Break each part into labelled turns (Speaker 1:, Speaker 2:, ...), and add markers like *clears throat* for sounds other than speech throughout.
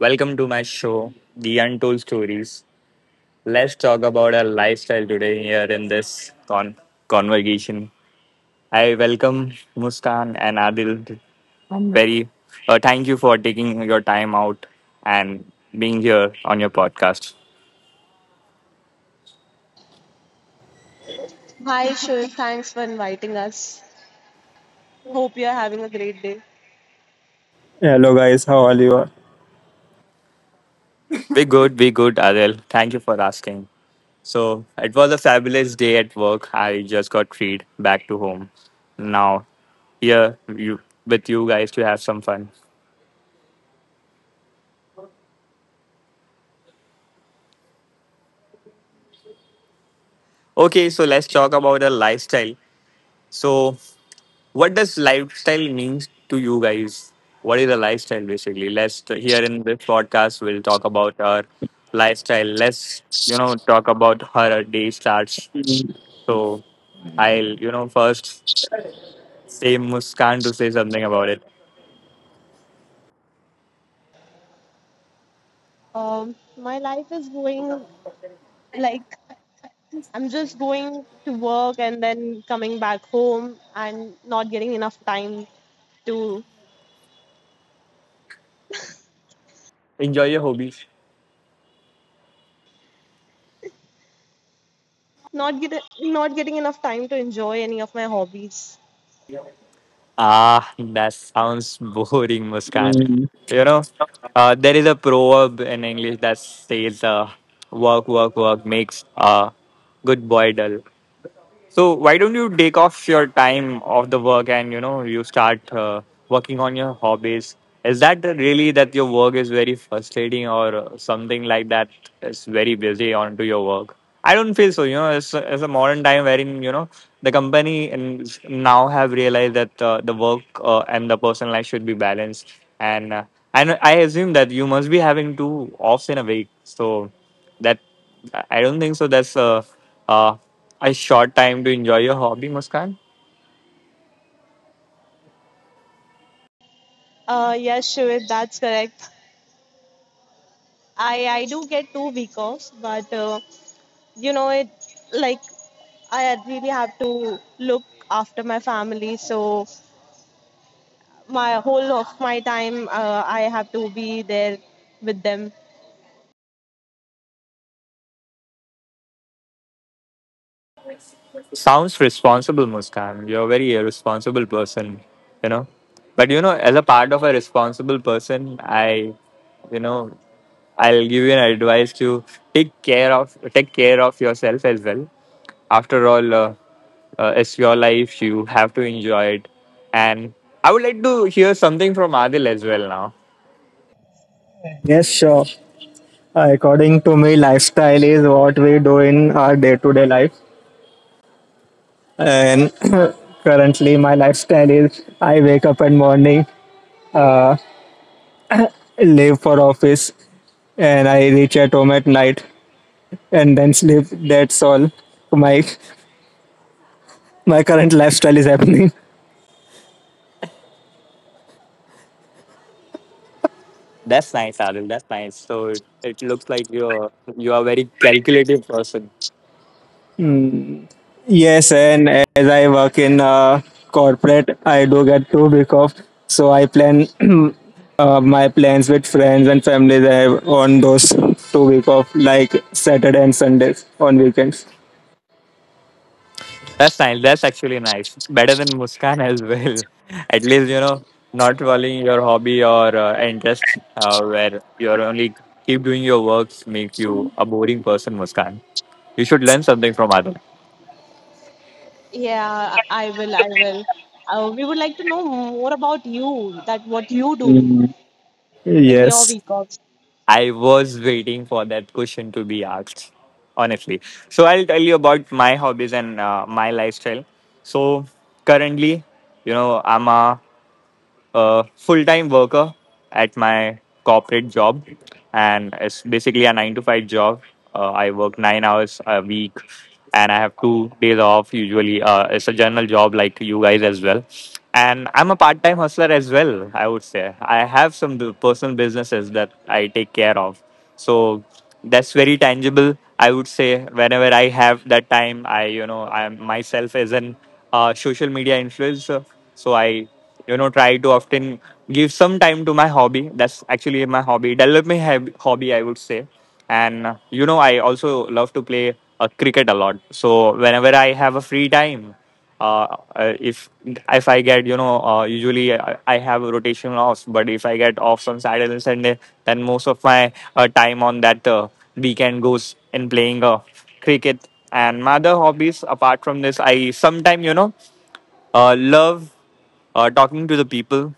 Speaker 1: Welcome to my show, The Untold Stories. Let's talk about our lifestyle today here in this conversation. I welcome Muskan and Adil. I'm very thank you for taking your time out and being here on your podcast.
Speaker 2: Hi, sure. Thanks for inviting us. Hope you're having a great day.
Speaker 3: Hello guys, how are you?
Speaker 1: We good, Adil. Thank you for asking. So it was a fabulous day at work. I just got freed back to home. Now here you with you guys to have some fun. Okay, so let's talk about the lifestyle. So, what does lifestyle means to you guys? What is a lifestyle basically? Let's here in this podcast we'll talk about our lifestyle. Let's talk about how our day starts. So, I'll first say Muskan to say something about it.
Speaker 2: My life is going like I'm just going to work and then coming back home and not getting enough time to
Speaker 1: Enjoy your hobbies.
Speaker 2: not getting enough time to enjoy any of my hobbies.
Speaker 1: Ah, that sounds *laughs* boring, Muskan. You know, there is a proverb in English that says, "Work, work, work makes a good boy dull." So why don't you take off your time of the work and you know you start working on your hobbies? Is that really that your work is very frustrating or something like that is very busy onto your work? I don't feel so. You know, it's a modern time wherein you know the company and now have realized that the work and the personal life should be balanced. And I assume that you must be having two offs in a week. So that I don't think so. That's uh, a short time to enjoy your hobby, Muskan.
Speaker 2: Yes, sure. That's correct. I do get 2 week offs, but you know it like I really have to look after my family, so my whole of my time I have to be there with them.
Speaker 1: Sounds responsible, Muskan. You're a very irresponsible person, you know. But you know, as a part of a responsible person, I you know I'll give you an advice to take care of yourself as well. After all, it's your life. You have to enjoy it. And I would like to hear something from Adil as well now.
Speaker 3: Yes, sure. According to me, lifestyle is what we do in our day-to-day life. And *coughs* *clears throat* currently, my lifestyle is I wake up in morning, leave for office, and I reach at home at night, and then sleep. That's all. My my current lifestyle is happening. *laughs*
Speaker 1: That's nice, Adil. That's nice. So it looks like you are a very calculative person.
Speaker 3: Hmm. Yes, and as I work in corporate, I do get 2 week off. So I plan *clears throat* my plans with friends and family there on those 2 week off, like Saturday and Sundays on weekends.
Speaker 1: That's nice. That's actually nice. It's better than Muskan as well. *laughs* At least you know not following your hobby or interest, where you're only keep doing your works make you a boring person, Muskan. You should learn something from Adil.
Speaker 2: Yeah, I will we would like to know more about you, that what you do in your
Speaker 3: Yes.
Speaker 2: week offs.
Speaker 1: I was waiting for that question to be asked, honestly. So I'll tell you about my hobbies and my lifestyle. So currently, you know, I'm a full time worker at my corporate job, and it's basically a nine to five job. I work 9 hours a week, and I have 2 days off usually. It's a general job like you guys as well. And I'm a part time hustler as well, I would say. I have some personal businesses that I take care of. So that's very tangible I would say. Whenever I have that time, I I myself as an social media influencer, so I try to often give some time to my hobby. That's actually my hobby, develop my hobby I would say. And you know, I also love to play cricket a lot. So whenever I have a free time, uh, uh, if if I get you know usually I have a rotation offs, but if I get off on Saturday and Sunday, then most of my time on that weekend goes in playing cricket and my other hobbies. Apart from this, I sometimes you know love talking to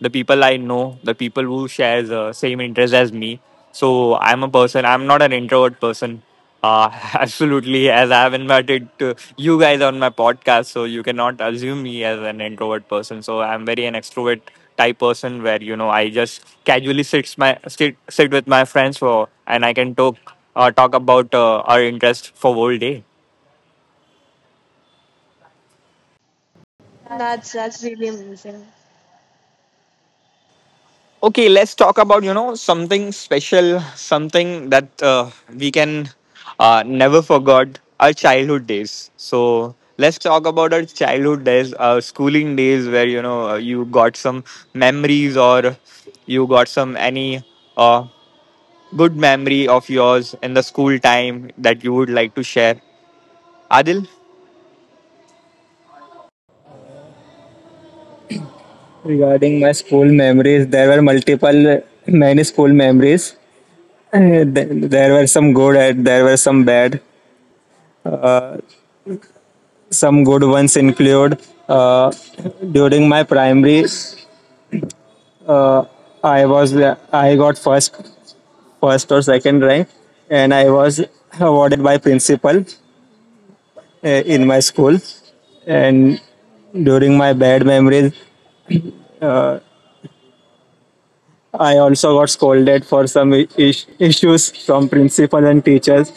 Speaker 1: the people I know, the people who share the same interest as me. So I'm a person. I'm not an introvert person. *laughs* Absolutely, as I have invited to you guys on my podcast, so you cannot assume me as an introvert person. So I'm very an extrovert type person where you know I just casually sits my sit with my friends for and I can talk talk about our interest for whole day.
Speaker 2: That's really amazing.
Speaker 1: Okay, let's talk about you know something special, something that we can never forget our childhood days. So let's talk about our childhood days, our schooling days, where you know you got some memories or you got some any uh, good memory of yours in the school time that you would like to share. Adil.
Speaker 3: Regarding my school memories, there were multiple, many school memories. There were some good, and there were some bad. Uh, some good ones include uh, during my primary uh, I was I got first or second rank, and I was awarded by principal uh, in my school. And during my bad memories, I also got scolded for some issues from principal and teachers.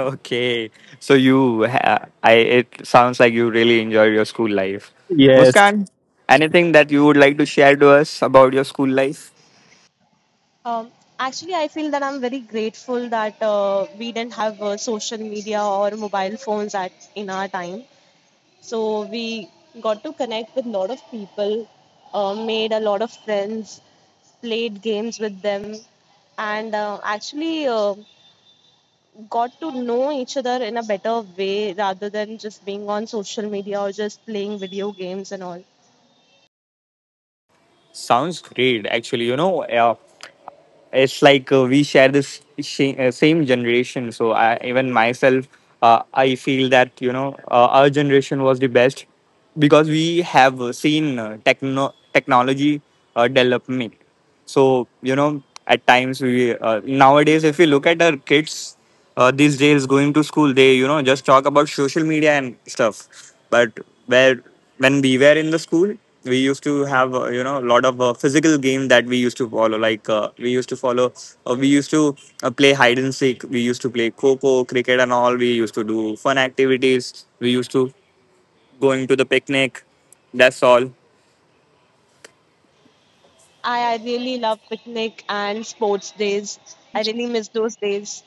Speaker 1: Okay, so you, I, it sounds like you really enjoyed your school life.
Speaker 3: Yes.
Speaker 1: Muskan, anything that you would like to share to us about your school life?
Speaker 2: um, Actually, I feel that I'm very grateful that we didn't have social media or mobile phones at in our time, so we got to connect with a lot of people, made a lot of friends, played games with them, and actually got to know each other in a better way rather than just being on social media or just playing video games and all.
Speaker 1: Sounds great, actually. You know, it's like we share this same generation, so I, even myself I feel that you know our generation was the best because we have seen technology development. So you know at times we nowadays if we look at our kids these days going to school, they you know just talk about social media and stuff. But where when we were in the school, we used to have you know a lot of physical game that we used to follow, like we used to play hide and seek, we used to play coco cricket and all, we used to do fun activities, we used to going to the picnic. That's all.
Speaker 2: I really love picnic and sports days. I really miss those days.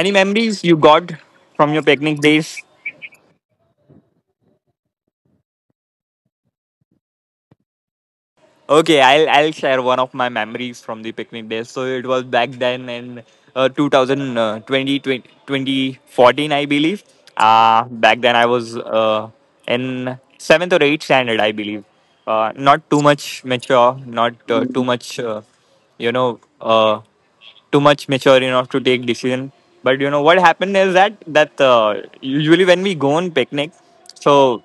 Speaker 1: Any memories you got from your picnic days? Okay, I'll share one of my memories from the picnic days. So it was back then in 2000, I believe. Back then I was in seventh or eighth standard, I believe. Not too much mature, not
Speaker 3: Mm,
Speaker 1: you know, uh, too much mature enough to take decision. But you know what happened is that usually when we go on picnic, so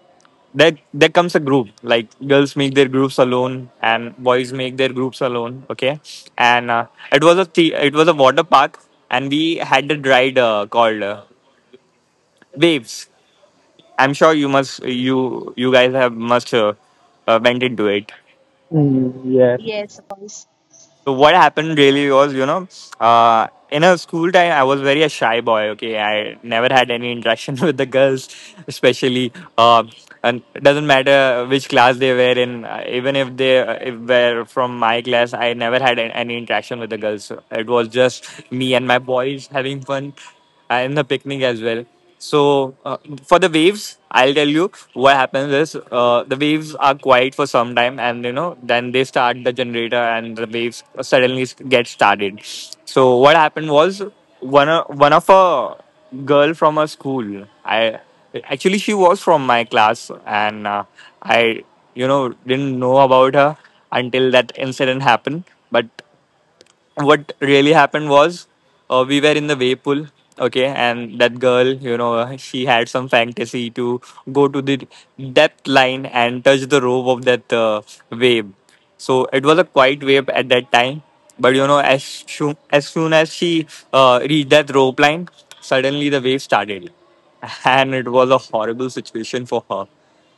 Speaker 1: there comes a group. Like girls make their groups alone, and boys make their groups alone. Okay, and it was it was a water park, and we had a ride called Waves. I'm sure you must you guys have must went into it.
Speaker 3: mm. Yes.
Speaker 2: Yes, of course.
Speaker 1: So what happened really was, you know, in a school time, I was very a shy boy. Okay, I never had any interaction *laughs* with the girls, especially. Uh, and it doesn't matter which class they were in, even if they if were from my class, I never had any interaction with the girls. So it was just me and my boys having fun in the picnic as well. So for the waves, I'll tell you what happens is the waves are quiet for some time, and you know then they start the generator, and the waves suddenly get started. So what happened was one of a girl from a school. I actually she was from my class, and I you know didn't know about her until that incident happened. But what really happened was we were in the wave pool. Okay, and that girl you know she had some fantasy to go to the depth line and touch the rope of that wave. So it was a quiet wave at that time, but you know as soon as she reached that rope line, suddenly the wave started *laughs* and it was a horrible situation for her.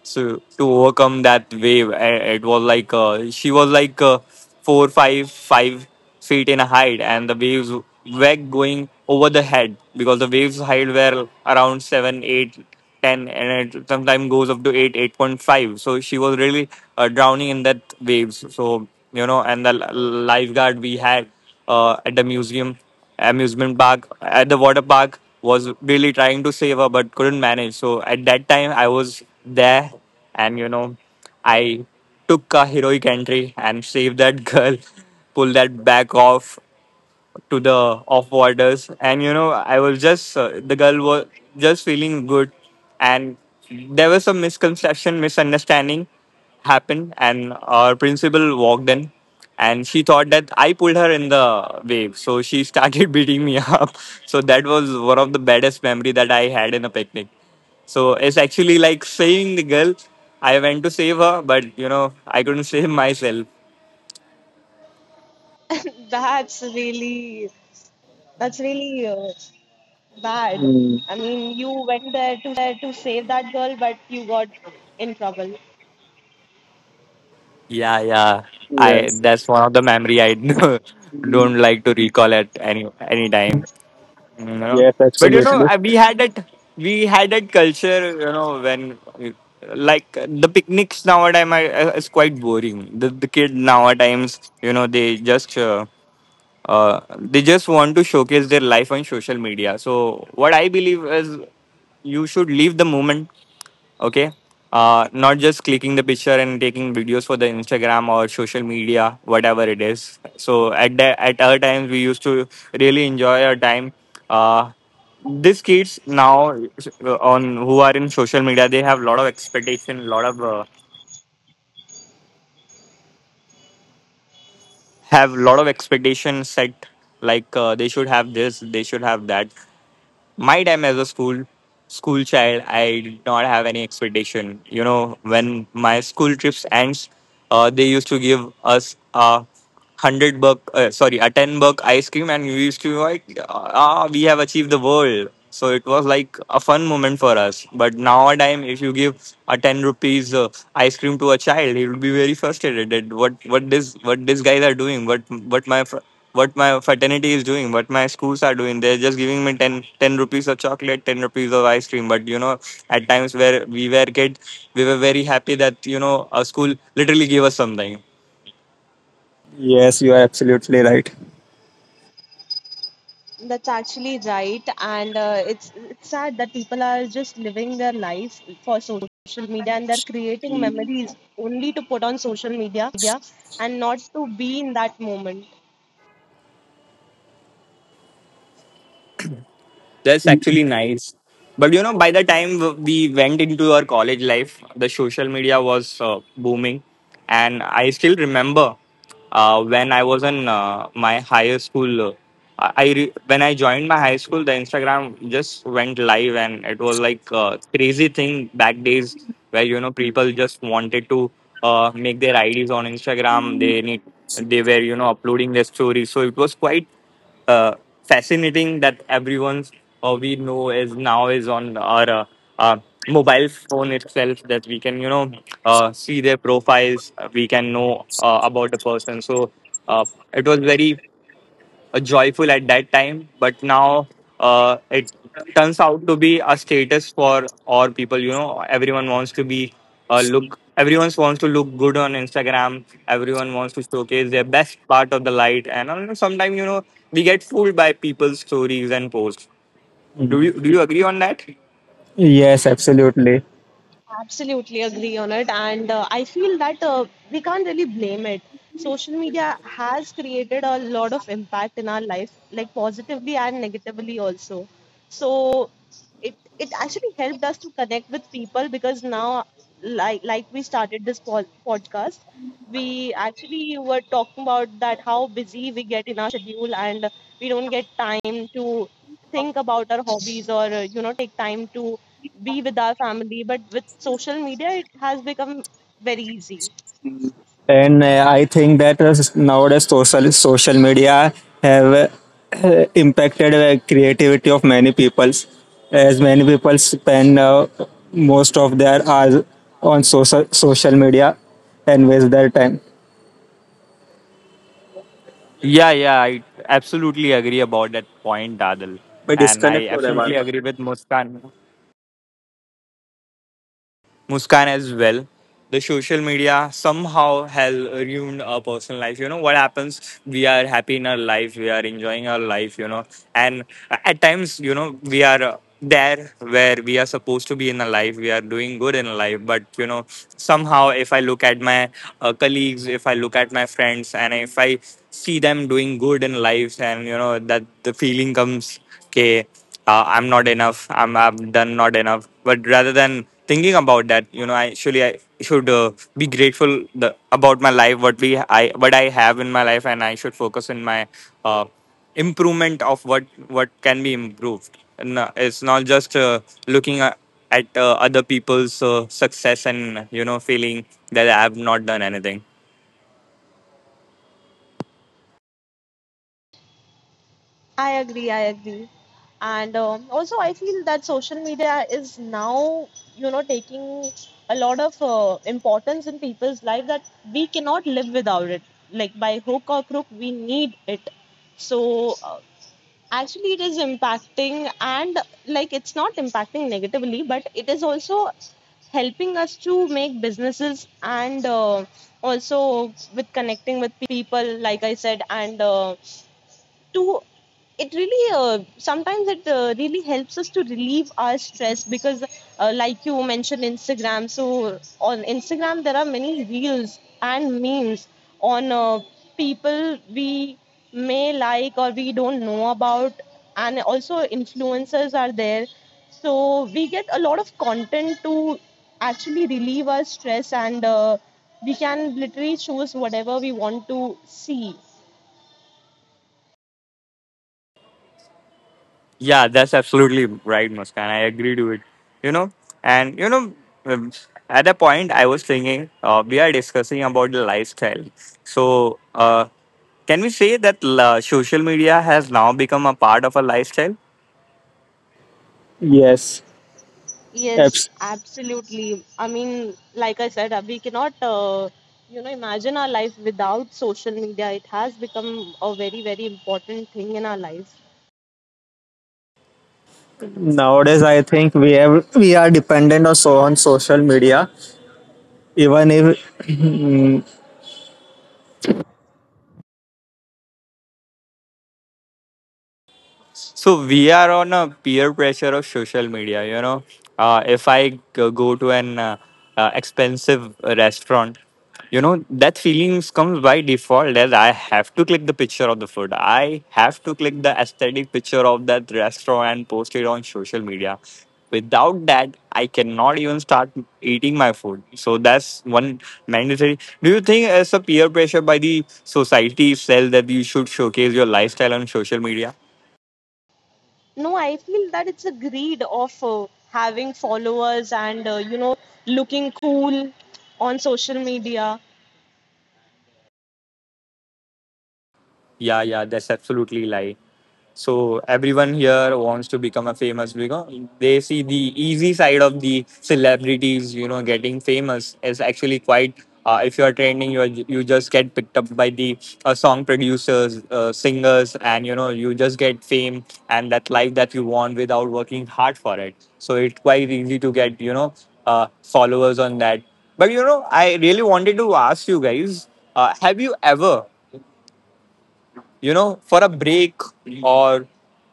Speaker 1: So to overcome that wave, it was like she was like four five five feet in height and the waves were going over the head because the waves height were around seven eight ten and it sometimes goes up to 8 8.5. So she was really drowning in that waves. So you know and the lifeguard we had at the museum amusement park at the water park was really trying to save her but couldn't manage. So at that time I was there, and you know I took a heroic entry and saved that girl. *laughs* Pulled that back off to the off borders, and you know I was just the girl was just feeling good. And there was some misconception misunderstanding happened, and our principal walked in, and she thought that I pulled her in the wave. So she started *laughs* beating me up. So that was one of the baddest memory that I had in a picnic. So it's actually like saving the girl, I went to save her, but you know I couldn't *laughs* save myself.
Speaker 2: *laughs* That's really that's really uh, bad.
Speaker 3: Mm.
Speaker 2: I mean, you went there to save that girl, but you got in trouble.
Speaker 1: Yeah, yeah. I
Speaker 3: Yes.
Speaker 1: that's one of the memory I *laughs*
Speaker 3: Mm.
Speaker 1: don't like to recall at any time. You know,
Speaker 3: Yes,
Speaker 1: but you know
Speaker 3: absolutely.
Speaker 1: we had that culture. You know when like the picnics nowadays I, is quite boring. The kid nowadays you know they just. They just want to showcase their life on social media. So what I believe is you should leave the moment, okay. Not just clicking the picture and taking videos for the Instagram or social media, whatever it is. So at our times we used to really enjoy our time. uh, these kids now, on who are in social media, they have a lot of expectation lot of have lot of expectations set, like they should have this, they should have that. My time as a school child, I did not have any expectation, you know, when my school trips ends. They used to give us a 100 buck, sorry, a 10 buck ice cream, and we used to be like, ah, we have achieved the world. So it was like a fun moment for us. But nowadays, if you give a 10 rupees ice cream to a child, he will be very frustrated that what these guys are doing, what my fraternity is doing, what my schools are doing. They're just giving me ten rupees of chocolate, 10 rupees of ice cream. But, at times where we were kids, we were very happy that, you know, our school literally gave us something.
Speaker 3: Yes, you are absolutely right.
Speaker 2: That's actually right, and it's sad that people are just living their life for social media and they're creating
Speaker 3: Mm,
Speaker 2: memories only to put on social media and not to be in that moment.
Speaker 1: That's
Speaker 3: mm,
Speaker 1: actually nice. But you know, by the time we went into our college life, the social media was booming. And I still remember when I was in my higher school. When I joined my high school, the Instagram just went live, and it was like a crazy thing back days where, you know, people just wanted to make their IDs on Instagram. They were, uploading their stories. So it was quite uh, fascinating that everyone's, we know, is now is on our uh, mobile phone itself, that we can, see their profiles, we can know about the person. So uh, it was very joyful at that time, but now it turns out to be a status for all people. You know, everyone wants to be look. Everyone wants to look good on Instagram. Everyone wants to showcase their best part of the light, and I sometimes you know we get fooled by people's stories and posts. Do you
Speaker 3: mm.
Speaker 1: do you agree on that?
Speaker 3: Yes, absolutely.
Speaker 2: Absolutely agree on it, and I feel that we can't really blame it. Social media has created a lot of impact in our life, like positively and negatively also. So it actually helped us to connect with people, because now, like we started this podcast, we actually were talking about that how busy we get in our schedule and we don't get time to think about our hobbies or you know, take time to be with our family, but with social media it has become very easy.
Speaker 3: And I think that nowadays social media have *clears throat* impacted the creativity of many peoples, as many people spend most of their hours on social media and waste their time.
Speaker 1: Yeah, yeah, I absolutely agree about that point, Adil,
Speaker 3: But
Speaker 1: and I
Speaker 3: disconnect हो रहा है
Speaker 1: absolutely
Speaker 3: बार-बार.
Speaker 1: agree with Muskan as well. The social media somehow has ruined our personal life. You know what happens? We are happy in our life. We are enjoying our life. You know, and at times, you know, we are there where we are supposed to be in a life. We are doing good in life, but you know, somehow, if I look at my colleagues, if I look at my friends, and if I see them doing good in life, and you know that the feeling comes, okay, I'm not enough, I've done not enough. But rather than thinking about that, I should be grateful about my life, what we I what I have in my life, and I should focus in my uh, improvement of what can be improved. And it's not just looking at other people's success and you know feeling that I have not done anything.
Speaker 2: I agree. I agree. And also, I feel that social media is now, you know, taking a lot of importance in people's life, that we cannot live without it. Like by hook or crook, we need it. So actually, it is impacting, and like it's not impacting negatively, but it is also it's helping us to make businesses and also with connecting with people, like I said, and to it really sometimes it really helps us to relieve our stress, because like you mentioned Instagram, so on Instagram there are many reels and memes on people we may like or we don't know about, and also influencers are there, so we get a lot of content to actually relieve our stress, and we can literally choose whatever we want to see.
Speaker 1: Yeah, that's absolutely right, Muskan. I agree to it. You know, and you know, um, at that point, I was thinking, we are discussing about the lifestyle. So, can we say that la social media has now become a part of a lifestyle?
Speaker 2: Yes,
Speaker 3: Yes.
Speaker 2: absolutely. I mean, like I said, we cannot, you know, imagine our life without social media. It has become a very, very important thing in our life.
Speaker 3: Nowadays, I think we are dependent also on social media. Even if
Speaker 1: So we are on a peer pressure of social media. You know, if I go to an expensive restaurant, you know that feelings comes by default that I have to click the picture of the food. I have to click the aesthetic picture of that restaurant and post it on social media. Without that, I cannot even start eating my food. So that's one mandatory. Do you think as a peer pressure by the society itself that you should showcase your lifestyle on social media?
Speaker 2: No, I feel that it's a greed of having followers and, you know, looking cool on social media.
Speaker 1: Yeah, yeah, that's absolutely lie. So everyone here wants to become a famous, because they see the easy side of the celebrities. You know, getting famous is actually quite. If you are trending, you just get picked up by the song producers, singers, and you know you just get fame and that life that you want without working hard for it. So it's quite easy to get, you know, followers on that. But you know, I really wanted to ask you guys: Have you ever, for a break? Or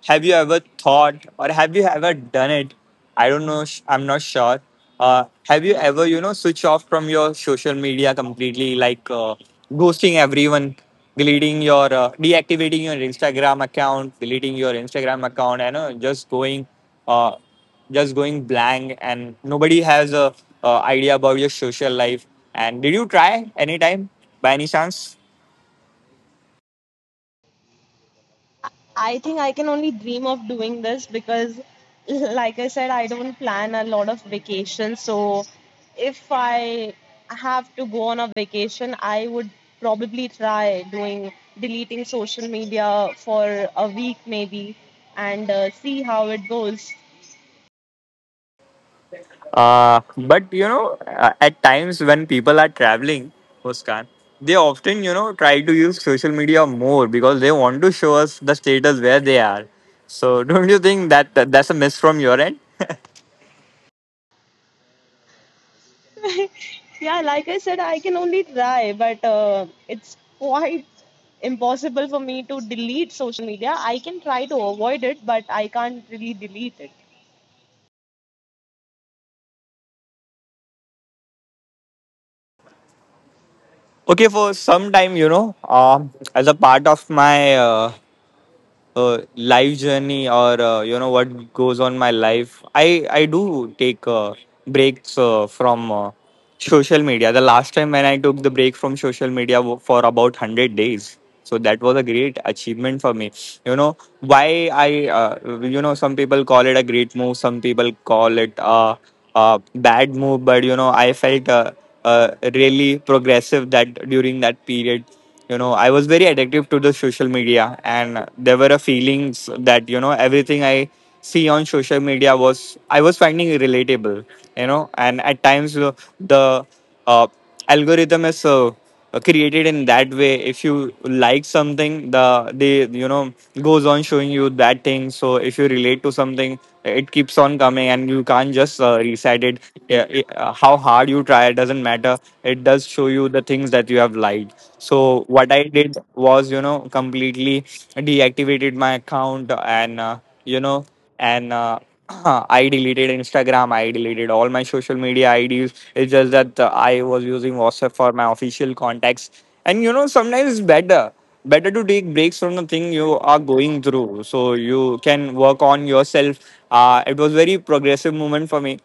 Speaker 1: have you ever thought, or have you ever done it? I don't know, I'm not sure. Have you ever, switch off from your social media completely, like ghosting everyone, deactivating your Instagram account, deleting your Instagram account, and uh, just going blank, and nobody has a idea about your social life. And did you try anytime by any chance?
Speaker 2: I think I can only dream of doing this, because, like I said, I don't plan a lot of vacations. So, if I have to go on a vacation, I would probably try doing deleting social media for a week maybe and see how it goes.
Speaker 1: But you know, at times when people are traveling, Muskan, they often, you know, try to use social media more because they want to show us the status where they are. So *laughs* don't you think that, that's a miss from your end?
Speaker 2: *laughs* Yeah, like I said, I can only try, but it's quite impossible for me to delete social media. I can try to avoid it, but I can't really delete it.
Speaker 1: Okay, for some time, you know, as a part of my life journey or, you know, what goes on my life, I do take breaks from social media. The last time when I took the break from social media for about 100 days. So that was a great achievement for me. You know why I you know Some people call it a great move, some people call it a bad move, but you know I felt really progressive that during that period, you know, I was very addictive to the social media, and there were a feelings that, you know, everything I see on social media was I was finding relatable. You know, and at times, the uh, algorithm is created in that way. If you like something, they, you know, goes on showing you that thing. So if you relate to something, it keeps on coming, and you can't just reset it. Yeah, how hard you try, it doesn't matter, it does show you the things that you have liked. So what I did was, you know, completely deactivated my account. And you know, and *clears throat* I deleted Instagram, I deleted all my social media IDs. It's just that I was using WhatsApp for my official contacts. And you know, sometimes it's better to take breaks from the thing you are going through so you can work on yourself. It was very progressive moment for me.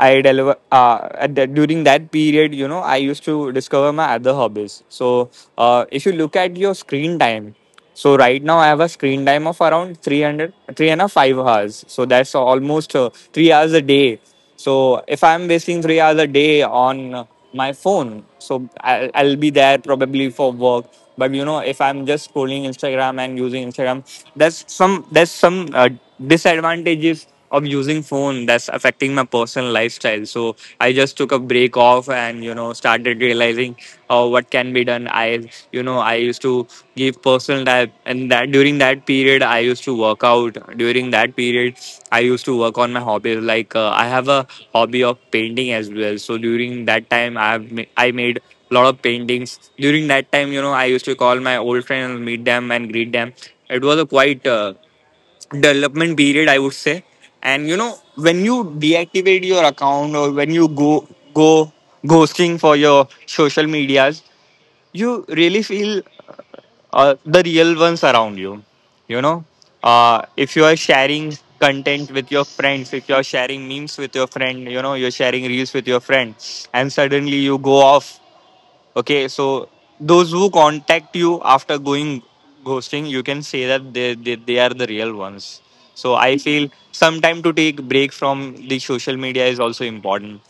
Speaker 1: I deliver at that During that period, you know, I used to discover my other hobbies. So, if you look at your screen time, so right now I have a screen time of around 303, three and a 5 hours. So that's almost 3 hours a day. So if I'm wasting 3 hours a day on my phone, so I'll be there probably for work. But you know, if I'm just scrolling Instagram and using Instagram, that's some disadvantages of using phone that's affecting my personal lifestyle. So I just took a break off, and you know, started realizing what can be done. I you know i used to give personal time, and that during that period, I used to work out. During that period, I used to work on my hobbies, like, I have a hobby of painting as well. So during that time, I made a lot of paintings. During that time, you know, I used to call my old friends, meet them and greet them. It was a quite development period, I would say. And you know, when you deactivate your account, or when you go ghosting for your social medias, you really feel the real ones around you. You know, if you are sharing content with your friends, if you are sharing memes with your friend, you know, you're sharing reels with your friend and suddenly you go off. Okay, so those who contact you after going ghosting, you can say that they are the real ones. So I feel sometime to take break from the social media is also important.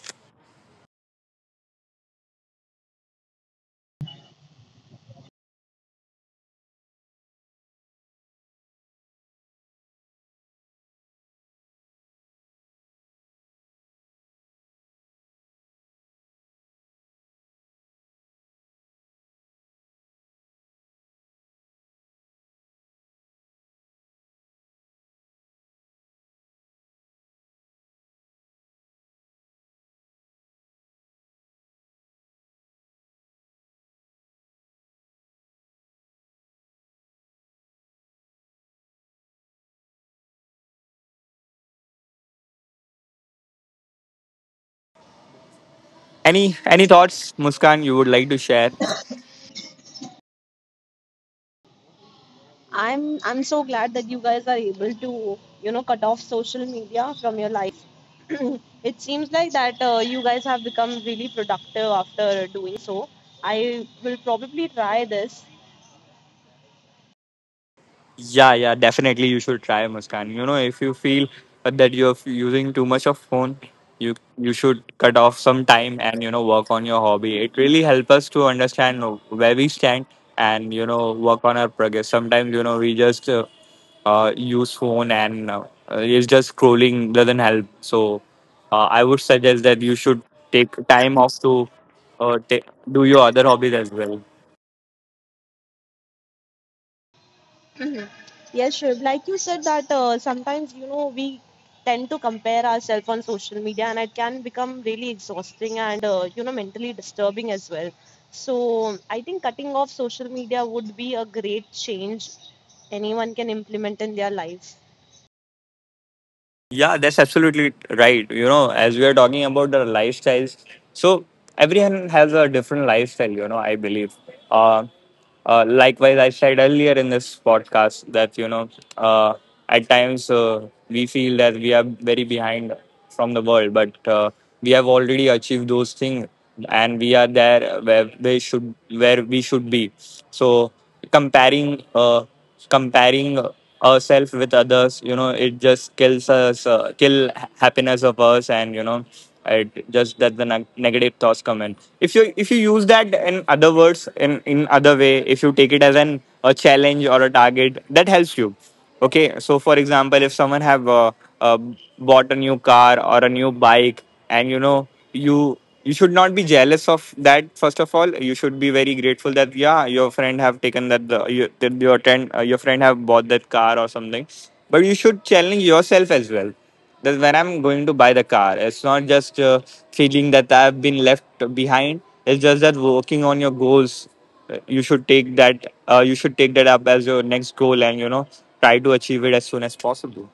Speaker 1: Any thoughts, Muskan, you would like to share?
Speaker 2: I'm so glad that you guys are able to, you know, cut off social media from your life. *clears throat* It seems like that you guys have become really productive after doing so. I will probably try this.
Speaker 1: Yeah, yeah, definitely you should try, Muskan. You know, if you feel that you're using too much of phone, you should cut off some time and, you know, work on your hobby. It really helps us to understand where we stand and, you know, work on our progress. Sometimes, you know, we just use phone and it's just scrolling doesn't help. So I would suggest that you should take time off to ta do your other hobbies as well.
Speaker 2: Mhm. Yes, sure. Like you said that sometimes, you know, we tend to compare ourselves on social media, and it can become really exhausting and you know, mentally disturbing as well. So I think cutting off social media would be a great change anyone can implement in their life.
Speaker 1: Yeah, that's absolutely right. You know, as we are talking about the lifestyles, so everyone has a different lifestyle, you know, I believe. Uh, Likewise, I said earlier in this podcast that, you know, uh, at times we feel that we are very behind from the world, but we have already achieved those things and we are there where they should, where we should be. So, comparing uh, comparing ourselves with others, you know, it just kills us, kill happiness of us, and, you know, it just that the negative thoughts come in. If you use that in other words, in other way, if you take it as an a challenge or a target, that helps you. Okay, so for example, if someone have uh, bought a new car or a new bike, and, you know, you you should not be jealous of that. First of all, you should be very grateful that yeah, your friend have taken that, the your, that your friend have bought that car or something. But you should challenge yourself as well, that when I'm going to buy the car, it's not just feeling that I've been left behind. It's just that working on your goals, you should take that up as your next goal, and, you know, try to achieve it as soon as possible.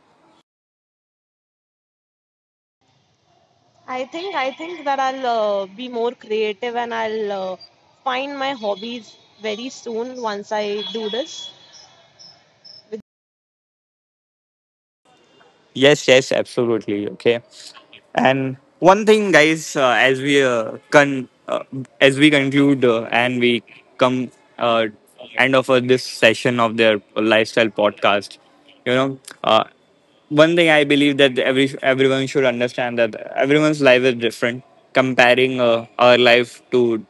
Speaker 2: I think that I'll be more creative and I'll find my hobbies very soon once I do this.
Speaker 1: Yes, yes, absolutely. Okay. And one thing, guys, as we conclude and we come uh, end of this session of their lifestyle podcast, you know, one thing I believe that everyone should understand that everyone's life is different. Comparing our life to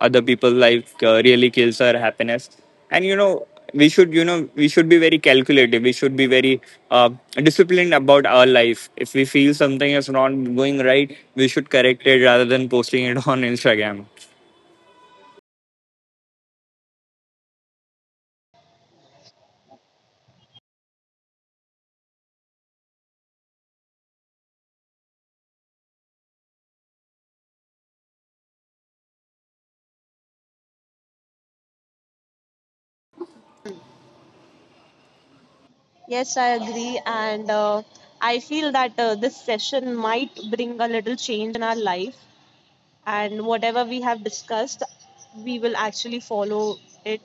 Speaker 1: other people, like, really kills our happiness. And, you know, we should, you know, we should be very calculated, we should be very uh, disciplined about our life. If we feel something is not going right, we should correct it rather than posting it *laughs* on Instagram.
Speaker 2: Yes, I agree. And I feel that this session might bring a little change in our life. And whatever we have discussed, we will actually follow it.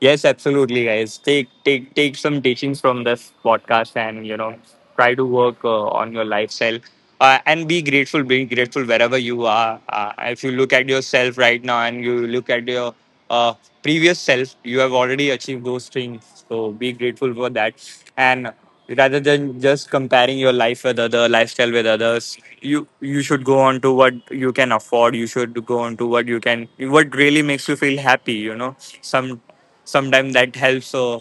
Speaker 1: Yes, absolutely, guys. Take some teachings from this podcast, and, you know, try to work on your lifestyle, and be grateful. Be grateful wherever you are. If you look at yourself right now, and you look at your uh, previous self, you have already achieved those things. So be grateful for that, and rather than just comparing your life with other lifestyle with others, you should go on to what you can afford. You should go on to what you can, what really makes you feel happy. You know, some sometimes that helps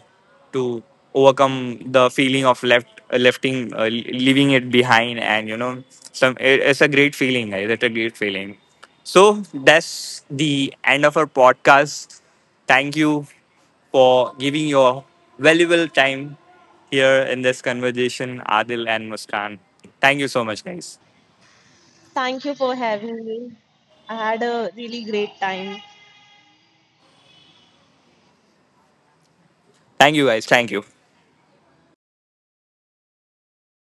Speaker 1: to overcome the feeling of left lefting leaving it behind. And, you know, some it, it's a great feeling, guys. It's a great feeling. So that's the end of our podcast. Thank you for giving your valuable time here in this conversation, Adil and Muskan. Thank you so much, guys.
Speaker 2: Thank you for having me. I had a really great time.
Speaker 1: Thank you, guys. Thank you.